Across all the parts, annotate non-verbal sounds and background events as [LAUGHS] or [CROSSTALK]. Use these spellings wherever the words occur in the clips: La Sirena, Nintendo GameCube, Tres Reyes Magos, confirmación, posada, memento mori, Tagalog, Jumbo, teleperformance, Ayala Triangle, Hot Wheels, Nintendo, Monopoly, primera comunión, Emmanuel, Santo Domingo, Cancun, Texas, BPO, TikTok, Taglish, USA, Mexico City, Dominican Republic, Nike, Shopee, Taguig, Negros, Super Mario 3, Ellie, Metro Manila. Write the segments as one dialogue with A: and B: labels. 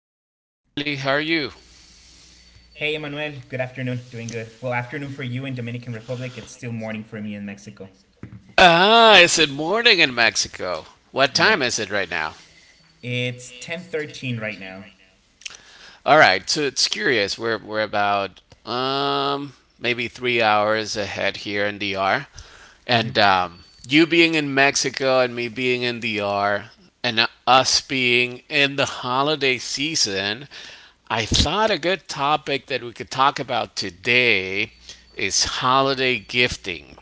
A: Well, hello, Ellie. How are you?
B: Hey, Emmanuel. Good afternoon. Doing good. Well, afternoon for you in Dominican Republic. It's still morning for me in Mexico.
A: Ah, is it morning in Mexico? What time
B: Yeah.
A: is it right now?
B: It's 10:13 right now.
A: All right, so it's curious. We're about maybe 3 hours ahead here in DR, and you being in Mexico and me being in DR, and us being in the holiday season, I thought a good topic that we could talk about today is holiday gifting.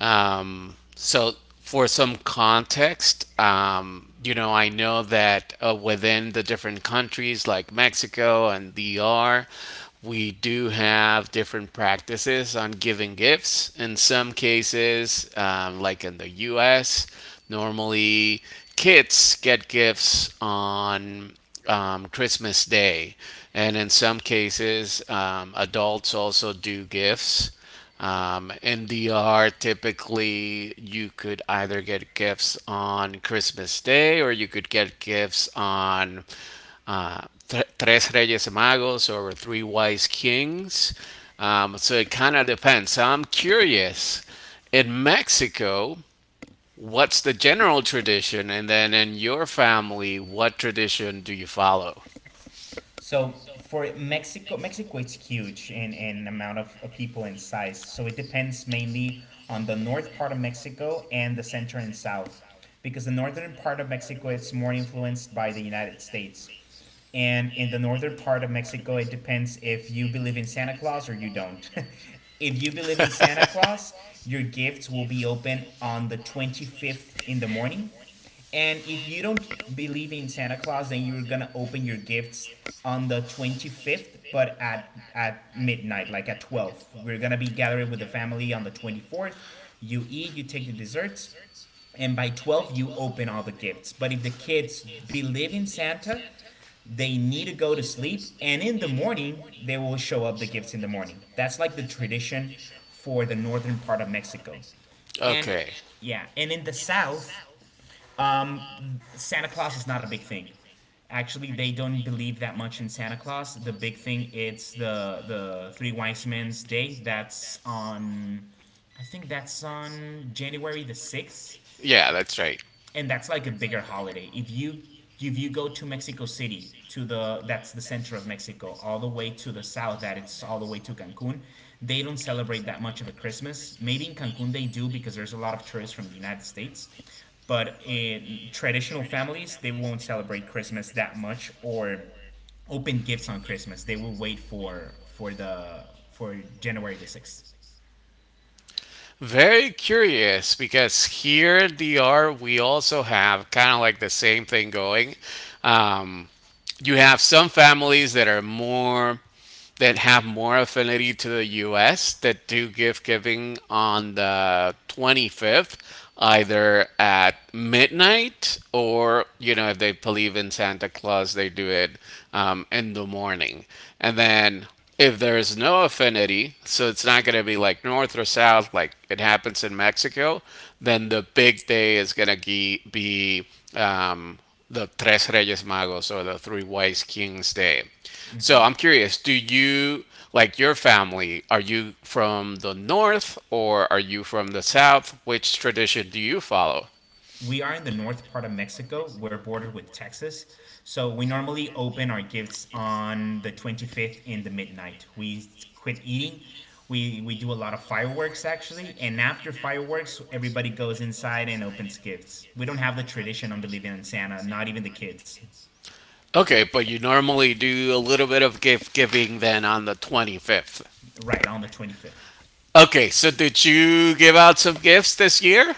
A: So, for some context, I know that within the different countries like Mexico and DR, we do have different practices on giving gifts. In some cases, like in the US, normally kids get gifts on Christmas Day. And in some cases, adults also do gifts. In DR, typically you could either get gifts on Christmas Day or you could get gifts on uh, Tres Reyes Magos or Three Wise Kings. So it kind of depends. So I'm curious, in Mexico, what's the general tradition? And then in your family, what tradition do you follow?
B: So for Mexico it's huge in amount of people and size. So it depends mainly on the north part of Mexico and the center and south. Because the northern part of Mexico it's more influenced by the United States. And in the northern part of Mexico, it depends if you believe in Santa Claus or you don't. [LAUGHS] If you believe in Santa Claus, your gifts will be open on the 25th in the morning. And if you don't believe in Santa Claus, then you're going to open your gifts on the 25th, but at midnight, like at 12. We're going to be gathering with the family on the 24th. You eat, you take your desserts, and by 12, you open all the gifts. But if the kids believe in Santa, they need to go to sleep, and in the morning they will show up the gifts in the morning. That's like the tradition for the northern part of Mexico. and it-
A: Okay.
B: yeah, and in the south, Santa Claus is not a big thing. Actually they don't believe that much in Santa Claus. The big thing it's the three wise men's day. That's on, I think that's on January the 6th.
A: Yeah, that's right.
B: And that's like a bigger holiday. If you go to Mexico City, to the that's the center of Mexico, all the way to the south, that it's all the way to Cancun. They don't celebrate that much of a Christmas. Maybe in Cancun they do because there's a lot of tourists from the United States, but in traditional families they won't celebrate Christmas that much or open gifts on Christmas. They will wait for January the 6th.
A: Very curious because here in DR we also have kind of like the same thing going. Um, you have some families that have more affinity to the U.S. that do gift giving on the 25th, either at midnight or if they believe in Santa Claus, they do it in the morning. And then if there is no affinity, so it's not going to be like north or south, like it happens in Mexico, then the big day is going to be um, the Tres Reyes Magos or the Three Wise Kings Day. So I'm curious, do you like your family, are you from the north or are you from the south? Which tradition do you follow?
B: We are in the north part of Mexico. We're bordered with Texas. So we normally open our gifts on the 25th in the midnight. We quit eating. We do a lot of fireworks actually. And after fireworks, everybody goes inside and opens gifts. We don't have the tradition of believing in Santa, not even the kids,
A: Okay, but you normally do a little bit of gift giving then on the 25th.
B: right on the 25th.
A: Okay, so did you give out some gifts this year?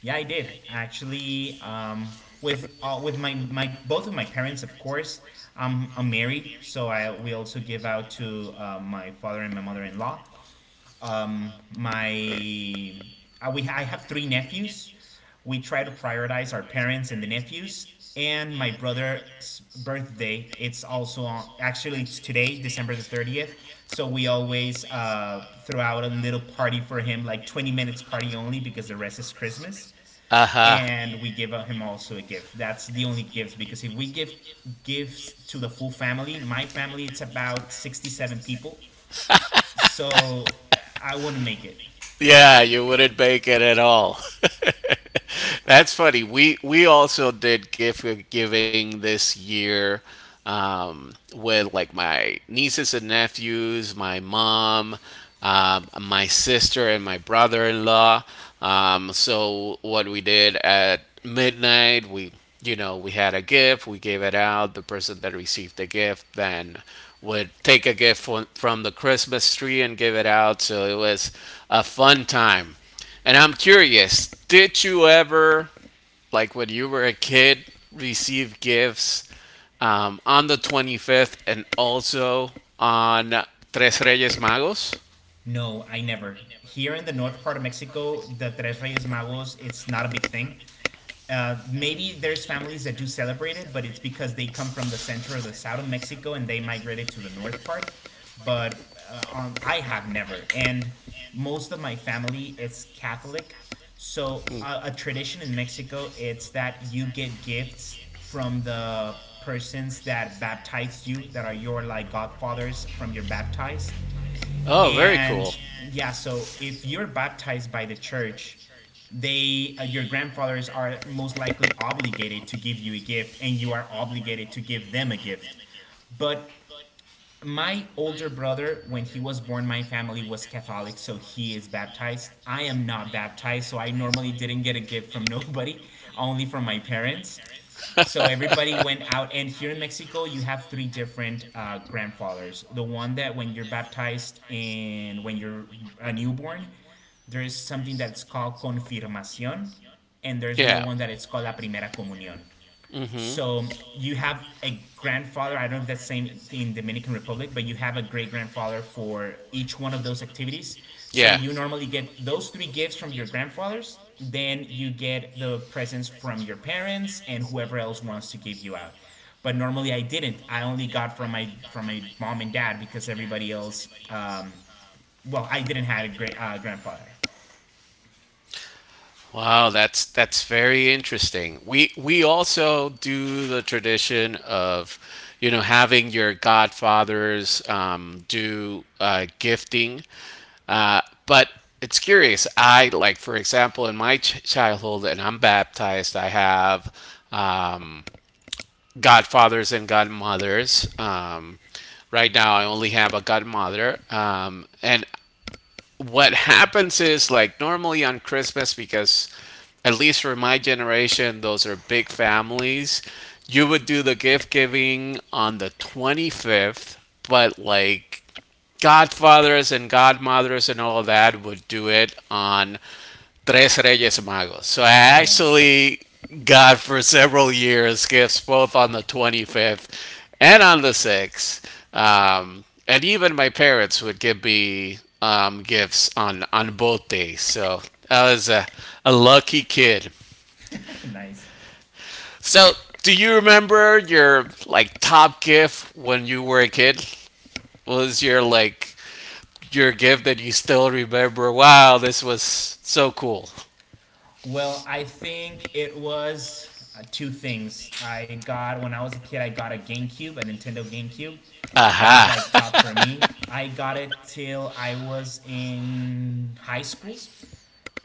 B: Yeah, I did actually. With my both of my parents, of course. I'm married, so I we also give out to my father and my mother-in-law. My we I have three nephews. We try to prioritize our parents and the nephews. And my brother's birthday. It's also actually it's today, December the 30th. So we always throw out a little party for him, like 20 minutes party only, because the rest is Christmas,
A: Uh huh.
B: and we give him also a gift. That's the only gifts because if we give gifts to the full family, my family it's about 67 people. So I wouldn't make it.
A: Yeah, you wouldn't make it at all. [LAUGHS] That's funny. We also did gift giving this year with like my nieces and nephews, my mom, my sister, and my brother-in-law. So what we did at midnight, we you know we had a gift, we gave it out. The person that received the gift then would take a gift from the Christmas tree and give it out. So it was a fun time. And I'm curious, did you ever, like when you were a kid, receive gifts on the 25th and also on Tres Reyes Magos?
B: No, I never. Here in the north part of Mexico, the Tres Reyes Magos, it's not a big thing. Maybe there's families that do celebrate it, but it's because they come from the center or the south of Mexico and they migrated to the north part. But I have never, and most of my family is Catholic. So a tradition in Mexico, it's that you get gifts from the persons that baptized you, that are your like godfathers from your baptized.
A: Oh, very cool.
B: And yeah, so if you're baptized by the church, they your grandfathers are most likely obligated to give you a gift, and you are obligated to give them a gift. But my older brother, when he was born, my family was Catholic, so he is baptized. I am not baptized, so I normally didn't get a gift from [LAUGHS] nobody, only from my parents.
A: The
B: So
A: church. [LAUGHS]
B: everybody went out, and here in Mexico, you have three different grandfathers. The one that when you're baptized and when you're a newborn, there is something that's called confirmación, and there's another
A: Yeah.
B: one that it's called la primera comunión.
A: Mm-hmm.
B: So you have a grandfather. I don't know if that's the same in Dominican Republic, but you have a great grandfather for each one of those activities. So
A: Yeah.
B: you normally get those three gifts from your grandfathers. Then you get the presents from your parents and whoever else wants to give you out. But normally I didn't. I only got from my mom and dad because everybody else. Well, I didn't have a great grandfather.
A: Wow, that's very interesting. We also do the tradition of, having your godfathers do gifting, uh, but it's curious. I like, for example, in my childhood, and I'm baptized. I have um, godfathers and godmothers. Right now, I only have a godmother, and what happens is like normally on Christmas because at least for my generation those are big families you would do the gift giving on the 25th but like godfathers and godmothers and all that would do it on Tres Reyes Magos. So I
B: Oh,
A: actually got for several years gifts both on the 25th and on the 6th. And even my parents would give me gifts on both days. So I was a lucky kid.
B: [LAUGHS] nice.
A: So do you remember your like top gift when you were a kid? What was your like your gift that you still remember? Wow, this was so cool.
B: Well, I think it was two things. I got, when I was a kid, I got a GameCube, a Nintendo GameCube. That was
A: Aha.
B: like top for
A: [LAUGHS]
B: me. I got it till I was in high school.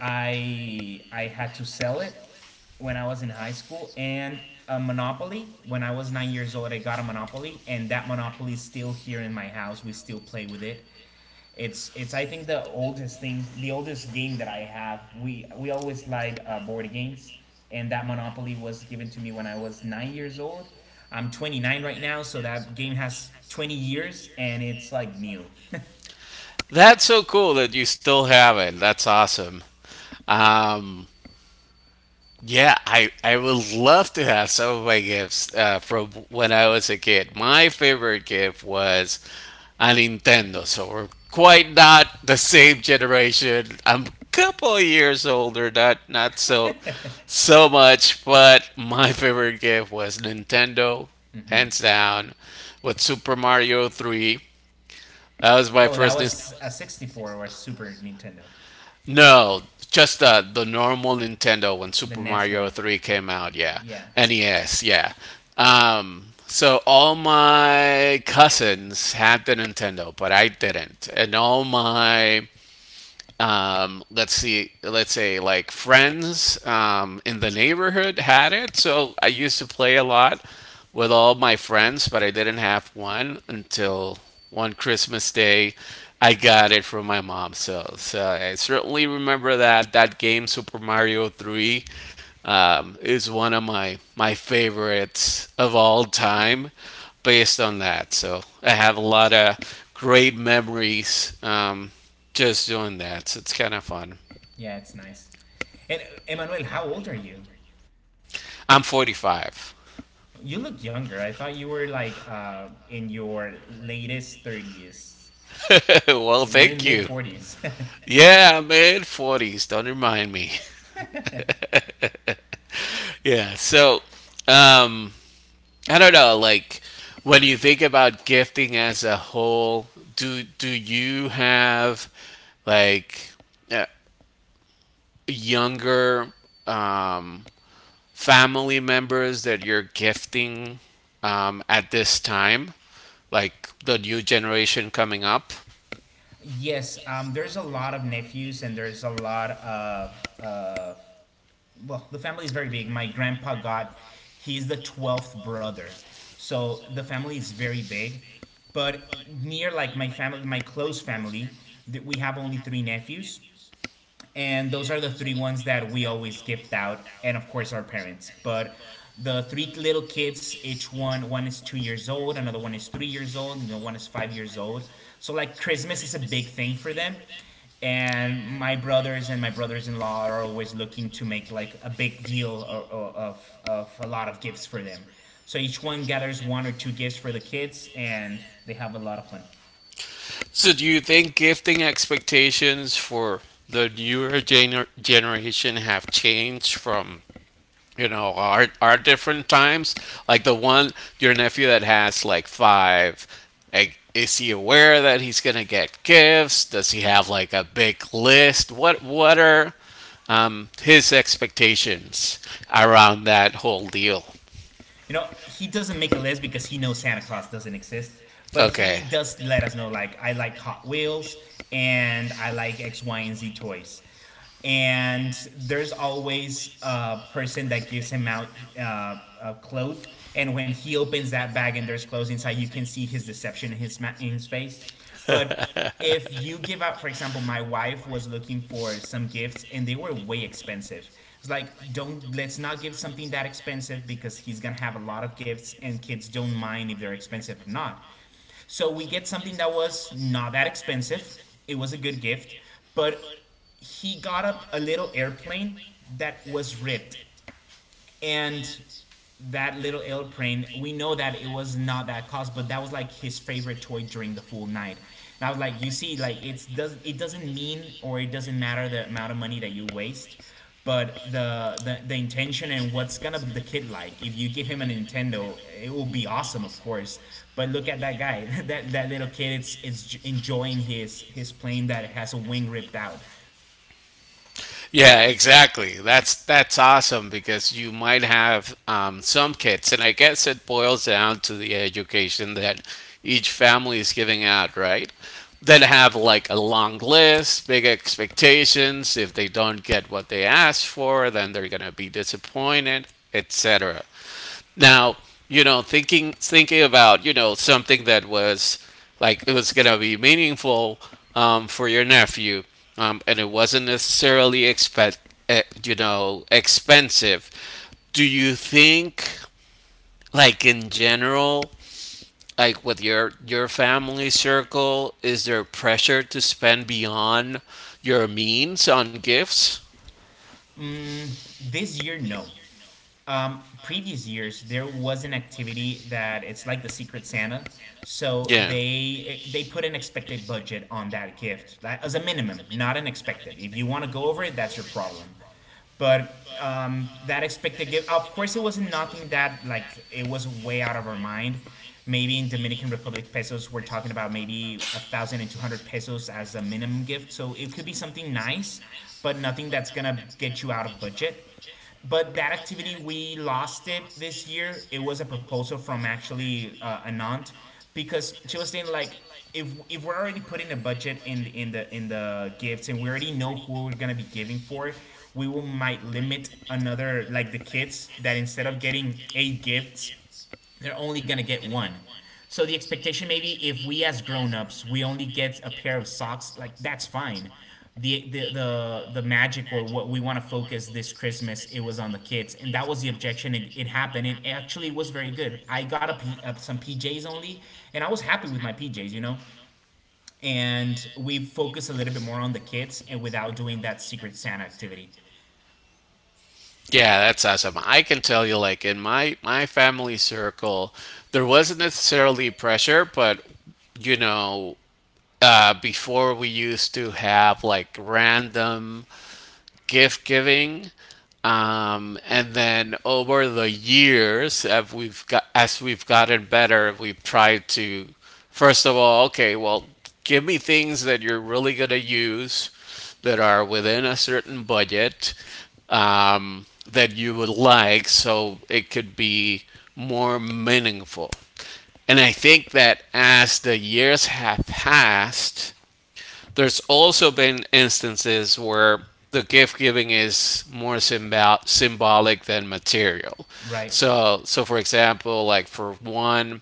B: I had to sell it when I was in high school. And a Monopoly. When I was 9 years old, I got a Monopoly, and that Monopoly is still here in my house. We still play with it. It's I think the oldest thing, the oldest game that I have. We always lied board games, and that Monopoly was given to me when I was 9 years old. I'm 29 right now, so that game has 20 years, and it's like new.
A: That's so cool that you still have it. That's awesome. Um, yeah, I would love to have some of my gifts from when I was a kid. My favorite gift was a Nintendo, so we're quite not the same generation. I'm a couple of years older, not so much, but my favorite gift was Nintendo,
B: [LAUGHS] Hmm.
A: hands down, with Super Mario 3. That was my
B: Oh, that
A: first Nintendo.
B: was a 64 or Super Nintendo,
A: No, just the normal Nintendo when
B: the
A: Super
B: NES
A: Mario
B: one.
A: 3 came out, yeah.
B: Yeah,
A: NES, yeah. So all my cousins had the Nintendo, but I didn't. And all my let's see, let's say like friends in the neighborhood had it. So I used to play a lot with all my friends, but I didn't have one until one Christmas day. I got it from my mom. So, I certainly remember that that game Super Mario 3 is one of my favorites of all time based on that. So I have a lot of great memories just doing that. So it's kind of fun.
B: yeah, it's nice. And Emmanuel, how old are you?
A: I'm 45.
B: You look younger. I thought you were like in your latest 30s.
A: [LAUGHS] Well,
B: But you're in
A: thank
B: mid
A: you.
B: 40s. [LAUGHS]
A: Yeah, I'm in 40s. Don't remind me. [LAUGHS] Yeah, so um, I don't know. Like when you think about gifting as a whole, do you have like uh, younger um, family members that you're gifting at this time, like the new generation coming up?
B: Yes, there's a lot of nephews, and there's a lot of well, the family is very big. My grandpa he's the 12th brother. So the family is very big. But near like my family, my close family, that we have only three nephews, and those are the three ones that we always gift out, and of course our parents. But the three little kids, each one, one is 2 years old, another one is 3 years old, and the one is 5 years old. So like Christmas is a big thing for them. And my brothers and my brothers-in-law are always looking to make like a big deal of a lot of gifts for them. So each one gathers one or two gifts for the kids, and they have a lot of fun.
A: So, do you think gifting expectations for the newer generation have changed from our different times? Like the one your nephew that has like five, like, is he aware that he's gonna get gifts? Does he have like a big list? What are his expectations around that whole deal?
B: He doesn't make a list because he knows Santa Claus doesn't exist, but he
A: Okay.
B: does let us know, like, I like Hot Wheels and I like X, Y, and Z toys. And there's always a person that gives him out a cloth, and when he opens that bag and there's clothes inside, you can see his deception in in his face. But if you give up, for example, my wife was looking for some gifts and they were way expensive. It's like, don't let's not give something that expensive, because he's gonna have a lot of gifts and kids don't mind if they're expensive or not. So we get something that was not that expensive. It was a good gift, but he got up a little airplane that was ripped, and that little airplane, we know that it was not that cost, but that was like his favorite toy during the full night. And I was like, you see, like it's does it doesn't mean, or it doesn't matter the amount of money that you waste, but the intention and what's gonna be the kid like. If you give him a Nintendo, it will be awesome, of course. But look at that guy, [LAUGHS] that little kid. It's enjoying his plane that has a wing ripped out.
A: Yeah, exactly. That's awesome because you might have some kids, and I guess it boils down to the education that each family is giving out, right? That have like a long list, big expectations. If they don't get what they asked for, then they're gonna be disappointed, etc. Now, thinking about something that was like it was gonna be meaningful for your nephew, and it wasn't necessarily expect you know expensive. Do you think, like in general, like with your family circle, is there pressure to spend beyond your means on gifts?
B: This year, no. Previous years there was an activity that it's like the Secret Santa. So
A: Yeah.
B: they put an expected budget on that gift, like, as a minimum, not an expected. If you want to go over it, that's your problem. But that expected gift, of course, it wasn't nothing that, like, it was way out of our mind. Maybe in Dominican Republic pesos we're talking about maybe 1200 pesos as a minimum gift, so it could be something nice, but nothing that's gonna get you out of budget. But that activity, we lost it this year. It was a proposal from, actually, an aunt, because she was saying like, if we're already putting a budget in the gifts, and we already know who we're gonna be giving for, we will might limit another, like, the kids, that instead of getting eight gifts, they're only gonna get one. So the expectation maybe if we as grown-ups we only get a pair of socks, like that's fine. The magic or what we want to focus this Christmas it was on the kids, and that was the objection. It happened. It actually was very good. I got a some PJs only, and I was happy with my PJs. And we focus a little bit more on the kids and without doing that Secret Santa activity.
A: Yeah, that's awesome. I can tell you, like in my family circle, there wasn't necessarily pressure, but you know, before we used to have like random gift giving. And then over the years, as we've gotten better, we've tried to first of all, okay, well, give me things that you're really gonna use that are within a certain budget um, that you would like, so it could be more meaningful. And I think that as the years have passed, there's also been instances where the gift giving is more symbolic than material.
B: Right.
A: So, for example, like for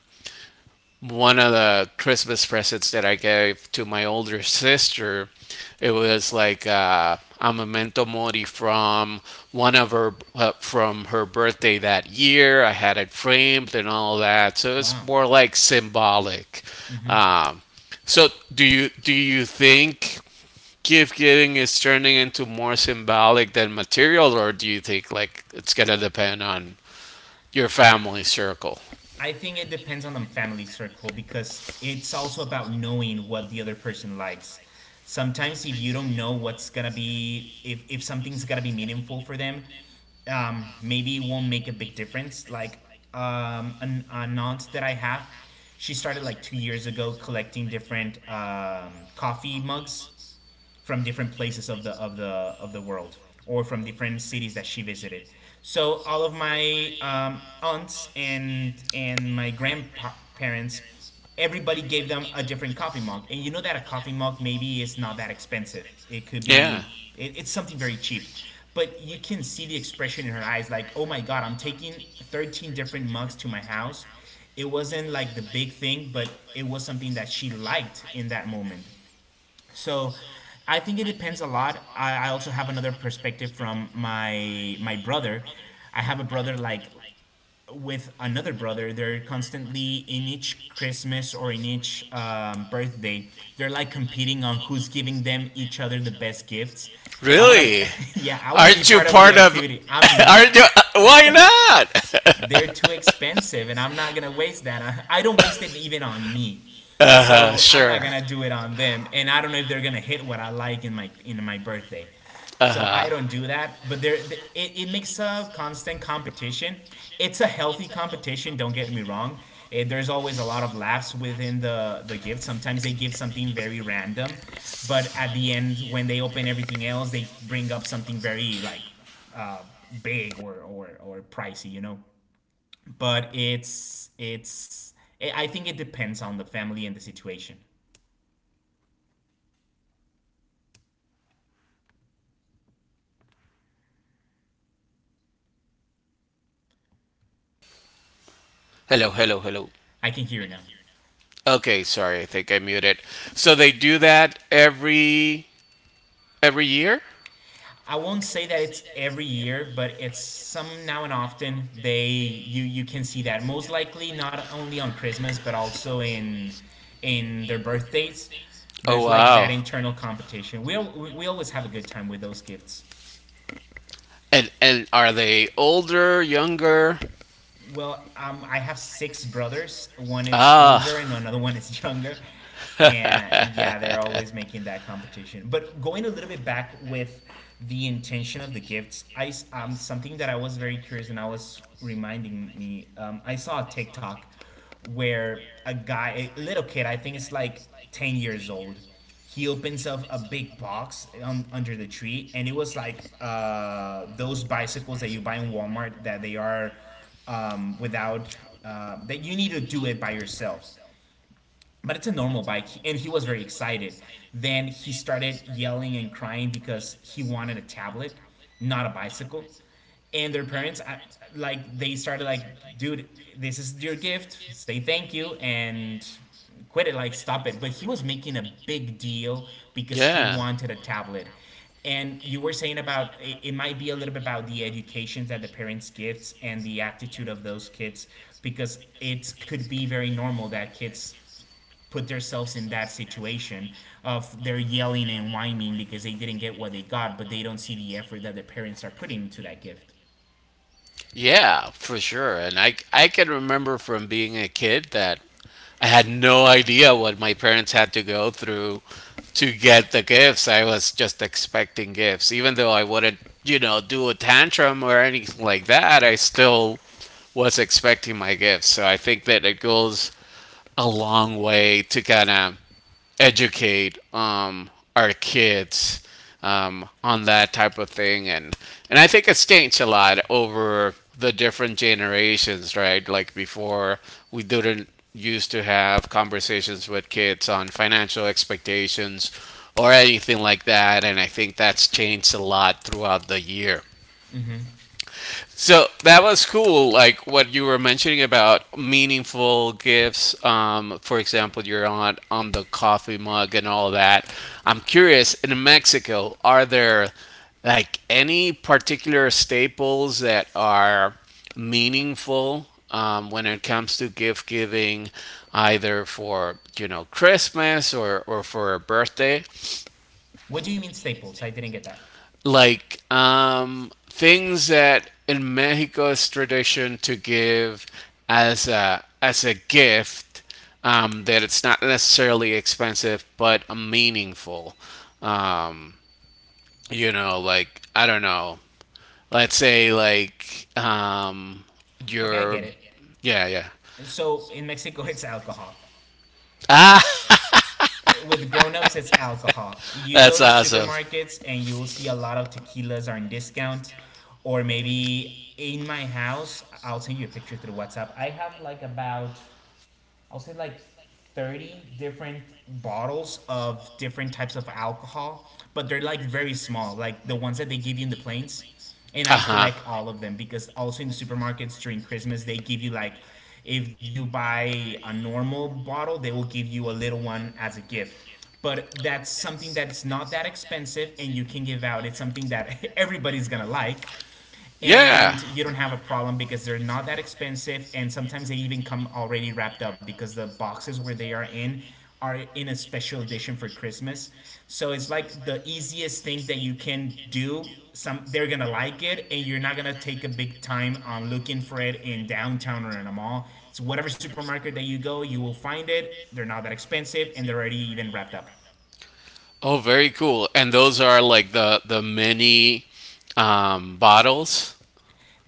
A: one of the Christmas presents that I gave to my older sister, it was like a memento mori from one of her from her birthday that year. I had it framed and all that, so it's
B: Wow.
A: more like symbolic. Um, so, do you think gift giving is turning into more symbolic than material, or do you think like it's gonna depend on your family circle?
B: I think it depends on the family circle because it's also about knowing what the other person likes. Sometimes if you don't know what's gonna be if something's gonna be meaningful for them, maybe it won't make a big difference. Like an aunt that I have, she started like two years ago collecting different coffee mugs from different places of the of the of the world, or from different cities that she visited. So all of my aunts and my grandparents, everybody gave them a different coffee mug, and you know that a coffee mug maybe is not that expensive. It could
A: Yeah.
B: be it's something very cheap, but you can see the expression in her eyes, like oh my god, I'm taking 13 different mugs to my house. It wasn't like the big thing, but it was something that she liked in that moment. So I think it depends a lot. I also have another perspective from my brother. I have a brother like with another brother. They're constantly in each Christmas or in each birthday. They're like competing on who's giving them each other the best gifts. I wanna,
A: Really?
B: [LAUGHS] yeah, I wanna be
A: Aren't you
B: part of the
A: part of?
B: activity. I'm
A: [LAUGHS]
B: not,
A: Aren't you? Why not? [LAUGHS]
B: they're too expensive and I'm not gonna waste that. I don't waste it even on me.
A: Uh huh.
B: So I'm not
A: Sure.
B: gonna do it on them. And I don't know if they're gonna hit what I like in my birthday.
A: Uh
B: So
A: huh.
B: I don't do that. But there, it makes a constant competition. It's a healthy competition, don't get me wrong. There's always a lot of laughs within the gift. Sometimes they give something very random, but at the end when they open everything else, they bring up something very like uh, big or pricey, you know? But I think it depends on the family and the situation.
A: Hello. Hello. Hello.
B: I can hear now.
A: Okay. Sorry. I think I muted. So they do that every year.
B: I won't say that it's every year, but it's some now and often they, you can see that most likely not only on Christmas but also in their birthdays.
A: Oh
B: There's like that
A: wow.
B: internal competition. We always have a good time with those gifts.
A: And are they older, younger?
B: Well, I have six brothers. One it's
A: Ah.
B: older,
A: [LAUGHS]
B: and another one is [LAUGHS] younger. And
A: [LAUGHS]
B: yeah, they're always making that competition. But going a little bit back with the intention of the gifts, something that I was very curious, and I was reminding me. I saw a TikTok where a guy, a little kid, I think it's like ten years old. He opens up a big box under the tree, and it was like those bicycles that you buy in Walmart that they are without that you need to do it by yourself, but it's a normal bike, and he was very excited. Then he started yelling and crying because he wanted a tablet, not a bicycle. And their parents, like, they started like, dude, this is your gift, say thank you and quit it, like stop it. But he was making a big deal because he
A: Yeah.
B: wanted a tablet. And you were saying about it might be a little bit about the educations that the parents give and the attitude of those kids, because it could be very normal that kids put themselves in that situation of they're yelling and whining because they didn't get what they got, but they don't see the effort that their parents are putting into that gift.
A: Yeah, for sure. And I can remember from being a kid that I had no idea what my parents had to go through to get the gifts. I was just expecting gifts. Even though I wouldn't, do a tantrum or anything like that, I still was expecting my gifts. So I think that it goes a long way to kind of educate our kids on that type of thing, and I think it's changed a lot over the different generations, right? Like before, we didn't used to have conversations with kids on financial expectations or anything like that, and I think that's changed a lot throughout the year. So that was cool, like what you were mentioning about meaningful gifts. For example, your aunt on the coffee mug and all that. I'm curious, in Mexico, are there like any particular staples that are meaningful when it comes to gift giving, either for, Christmas or, for a birthday?
B: What do you mean staples? I didn't get that.
A: Like things that in Mexico it's tradition to give as a gift that it's not necessarily expensive but meaningful. Um, like I don't know. Let's say like
B: Okay, I
A: your
B: get it.
A: yeah, yeah.
B: So in Mexico, [LAUGHS] it's alcohol.
A: Ah.
B: With grown-ups, it's alcohol. You go
A: That's
B: to
A: awesome.
B: supermarkets and you'll see a lot of tequilas are in discount, or maybe in my house, I'll send you a picture through WhatsApp. I have like about, I'll say like 30 different bottles of different types of alcohol, but they're like very small, like the ones that they give you in the planes. And
A: Uh
B: I
A: huh.
B: collect all of them because also in the supermarkets during Christmas, they give you like, if you buy a normal bottle, they will give you a little one as a gift. But that's something that's not that expensive and you can give out. It's something that [LAUGHS] everybody's gonna like,
A: Yeah.
B: and you don't have a problem because they're not that expensive, and sometimes they even come already wrapped up because the boxes where they are in a special edition for Christmas. So it's like the easiest thing that you can do. Some, they're gonna like it, and you're not gonna take a big time on looking for it in downtown or in a mall. It's whatever supermarket that you go, you will find it. They're not that expensive, and they're already even wrapped up.
A: Oh, very cool. And those are like the mini bottles.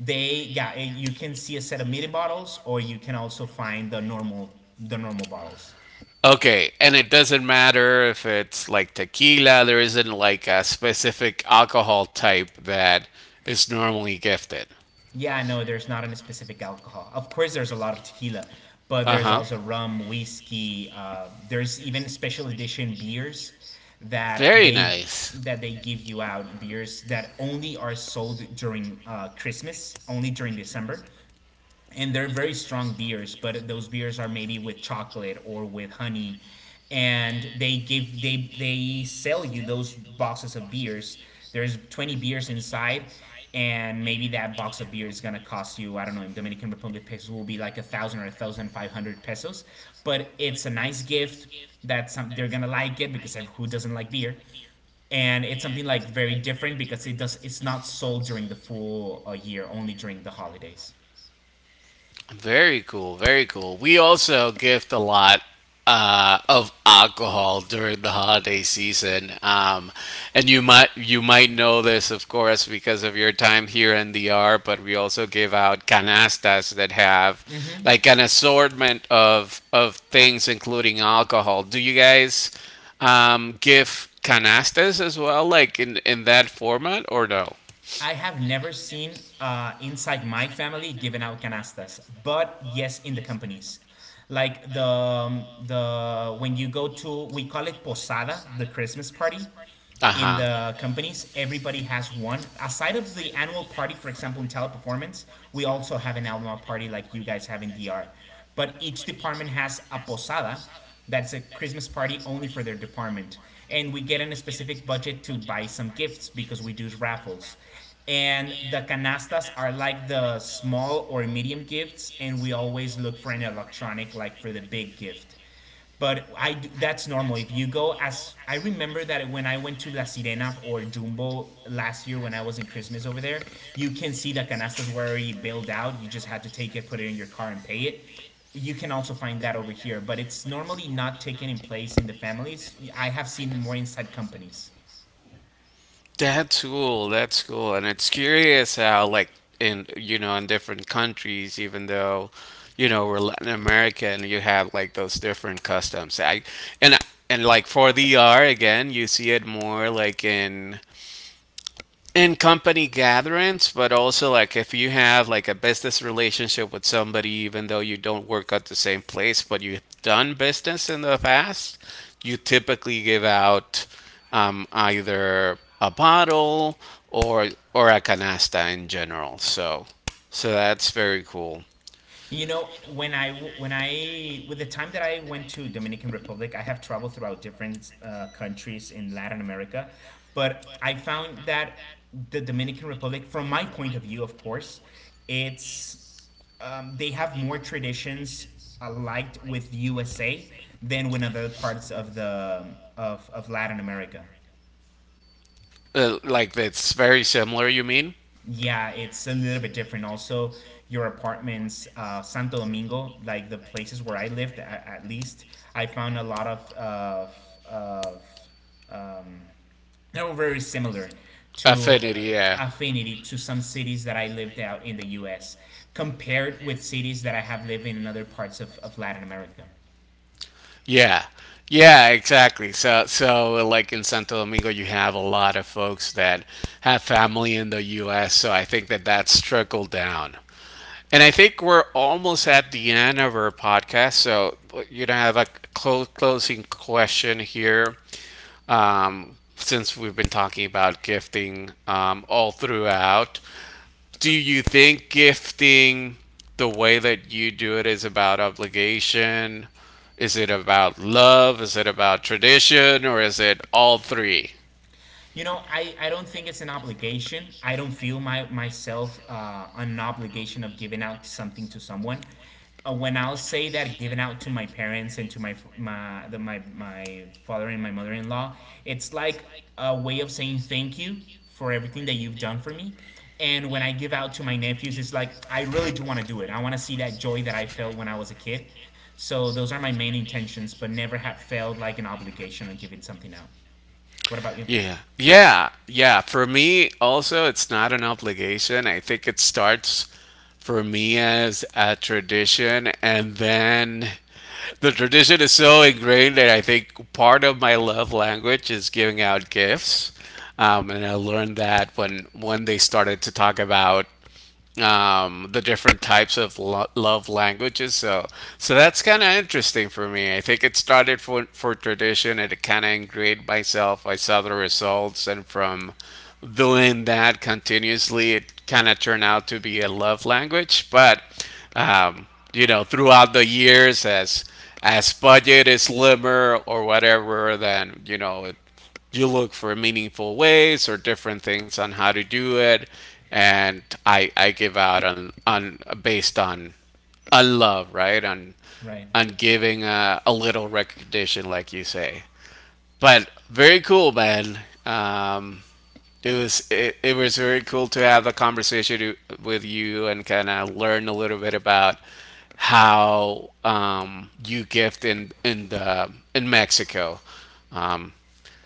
B: They, yeah, you can see a set of midi bottles, or you can also find the normal bottles.
A: Okay, and it doesn't matter if it's like tequila, there isn't like a specific alcohol type that is normally gifted.
B: Yeah, no, there's not any specific alcohol. Of course, there's a lot of tequila, but
A: Uh
B: there's
A: huh.
B: also rum, whiskey, there's even special edition beers that
A: Very nice.
B: they give you out, beers that only are sold during Christmas, only during December. And they're very strong beers, but those beers are maybe with chocolate or with honey, and they give they sell you those boxes of beers. There's 20 beers inside, and maybe that box of beer is gonna cost you, I don't know, in Dominican Republic pesos will be like a thousand or a thousand five hundred pesos, but it's a nice gift that some, they're gonna like it, because who doesn't like beer, and it's something like very different because it does it's not sold during the full year, only during the holidays.
A: Very cool, very cool. We also gift a lot of alcohol during the holiday season, and you might know this, of course, because of your time here in the R. But we also give out canastas that have
B: Mm-hmm.
A: like an assortment of things, including alcohol. Do you guys give canastas as well, like in that format, or no?
B: I have never seen inside my family giving out canastas, but yes, in the companies, like the when you go to, we call it posada, the Christmas party in
A: Ajá.
B: the companies, everybody has one. Aside of the annual party, for example, in Teleperformance, we also have an annual party like you guys have in DR. But each department has a posada, that's a Christmas party only for their department. And we get in a specific budget to buy some gifts because we do raffles. And the canastas are like the small or medium gifts, and we always look for an electronic, like for the big gift. But I do, that's normal. If you go, as I remember that when I went to La Sirena or Jumbo last year when I was in Christmas over there, you can see the canastas were already billed out. You just had to take it, put it in your car, and pay it. You can also find that over here, but it's normally not taken in place in the families. I have seen more inside companies.
A: That's cool. That's cool. And it's curious how, like, in different countries, even though, we're Latin American, you have like those different customs. And, and like for the E R again, you see it more like in company gatherings, but also like if you have like a business relationship with somebody, even though you don't work at the same place, but you've done business in the past, you typically give out either a bottle or a canasta in general. So that's very cool.
B: You know, when I with the time that I went to Dominican Republic, I have traveled throughout different countries in Latin America, but I found that the Dominican Republic, from my point of view, of course, it's they have more traditions alike with USA than with other parts of the of Latin America.
A: Like that's very similar. You mean
B: Yeah, it's a little bit different. Also, your apartments, Santo Domingo, like the places where I lived, at least, I found a lot of of um, they were very similar to
A: affinity? Yeah.
B: affinity to some cities that I lived out in the U.S. compared with cities that I have lived in other parts of Latin America.
A: Yeah. Yeah, exactly. So like in Santo Domingo, you have a lot of folks that have family in the US, so I think that that's trickled down. And I think we're almost at the end of our podcast, so I have a closing question here. Since we've been talking about gifting all throughout, do you think gifting the way that you do it is about obligation? Is it about love? Is it about tradition? Or is it all three?
B: You know, I don't think it's an obligation. I don't feel my myself an obligation of giving out something to someone. When, I'll say that giving out to my parents and to my father and my mother-in-law, it's like a way of saying thank you for everything that you've done for me. And when I give out to my nephews, it's like I really do want to do it. I want to see that joy that I felt when I was a kid. So those are my main intentions, but never have felt like an obligation on giving something out. What about you?
A: Yeah. Yeah. Yeah. For me, also, it's not an obligation. I think it starts for me as a tradition. And then the tradition is so ingrained that I think part of my love language is giving out gifts. And I learned that when they started to talk about the different types of love languages. So, that's kind of interesting for me. I think it started for tradition, and it kind of ingrained myself. I saw the results, and from doing that continuously, it kind of turned out to be a love language. But um, throughout the years, as budget is slimmer or whatever, then you know it, you look for meaningful ways or different things on how to do it. And I give out on based on love, right? On
B: Right.
A: on giving a little recognition, like you say. But very cool, man. Um, it was it, it was very cool to have a conversation with you and kind of learn a little bit about how you gift in Mexico. Um,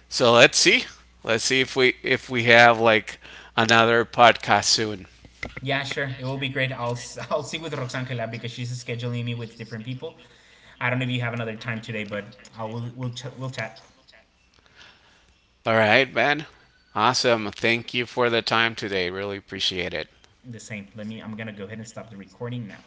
A: so let's see, if we have like another podcast soon.
B: Yeah, sure. It will be great. I'll I [LAUGHS] I'll see with Roxangela because she's scheduling me with different people. I don't know if you have another time today, but I'll we'll, ch- we'll chat.
A: All right, man. Awesome. Thank you for the time today. Really appreciate it.
B: The same. Let me, I'm gonna go ahead and stop the recording now.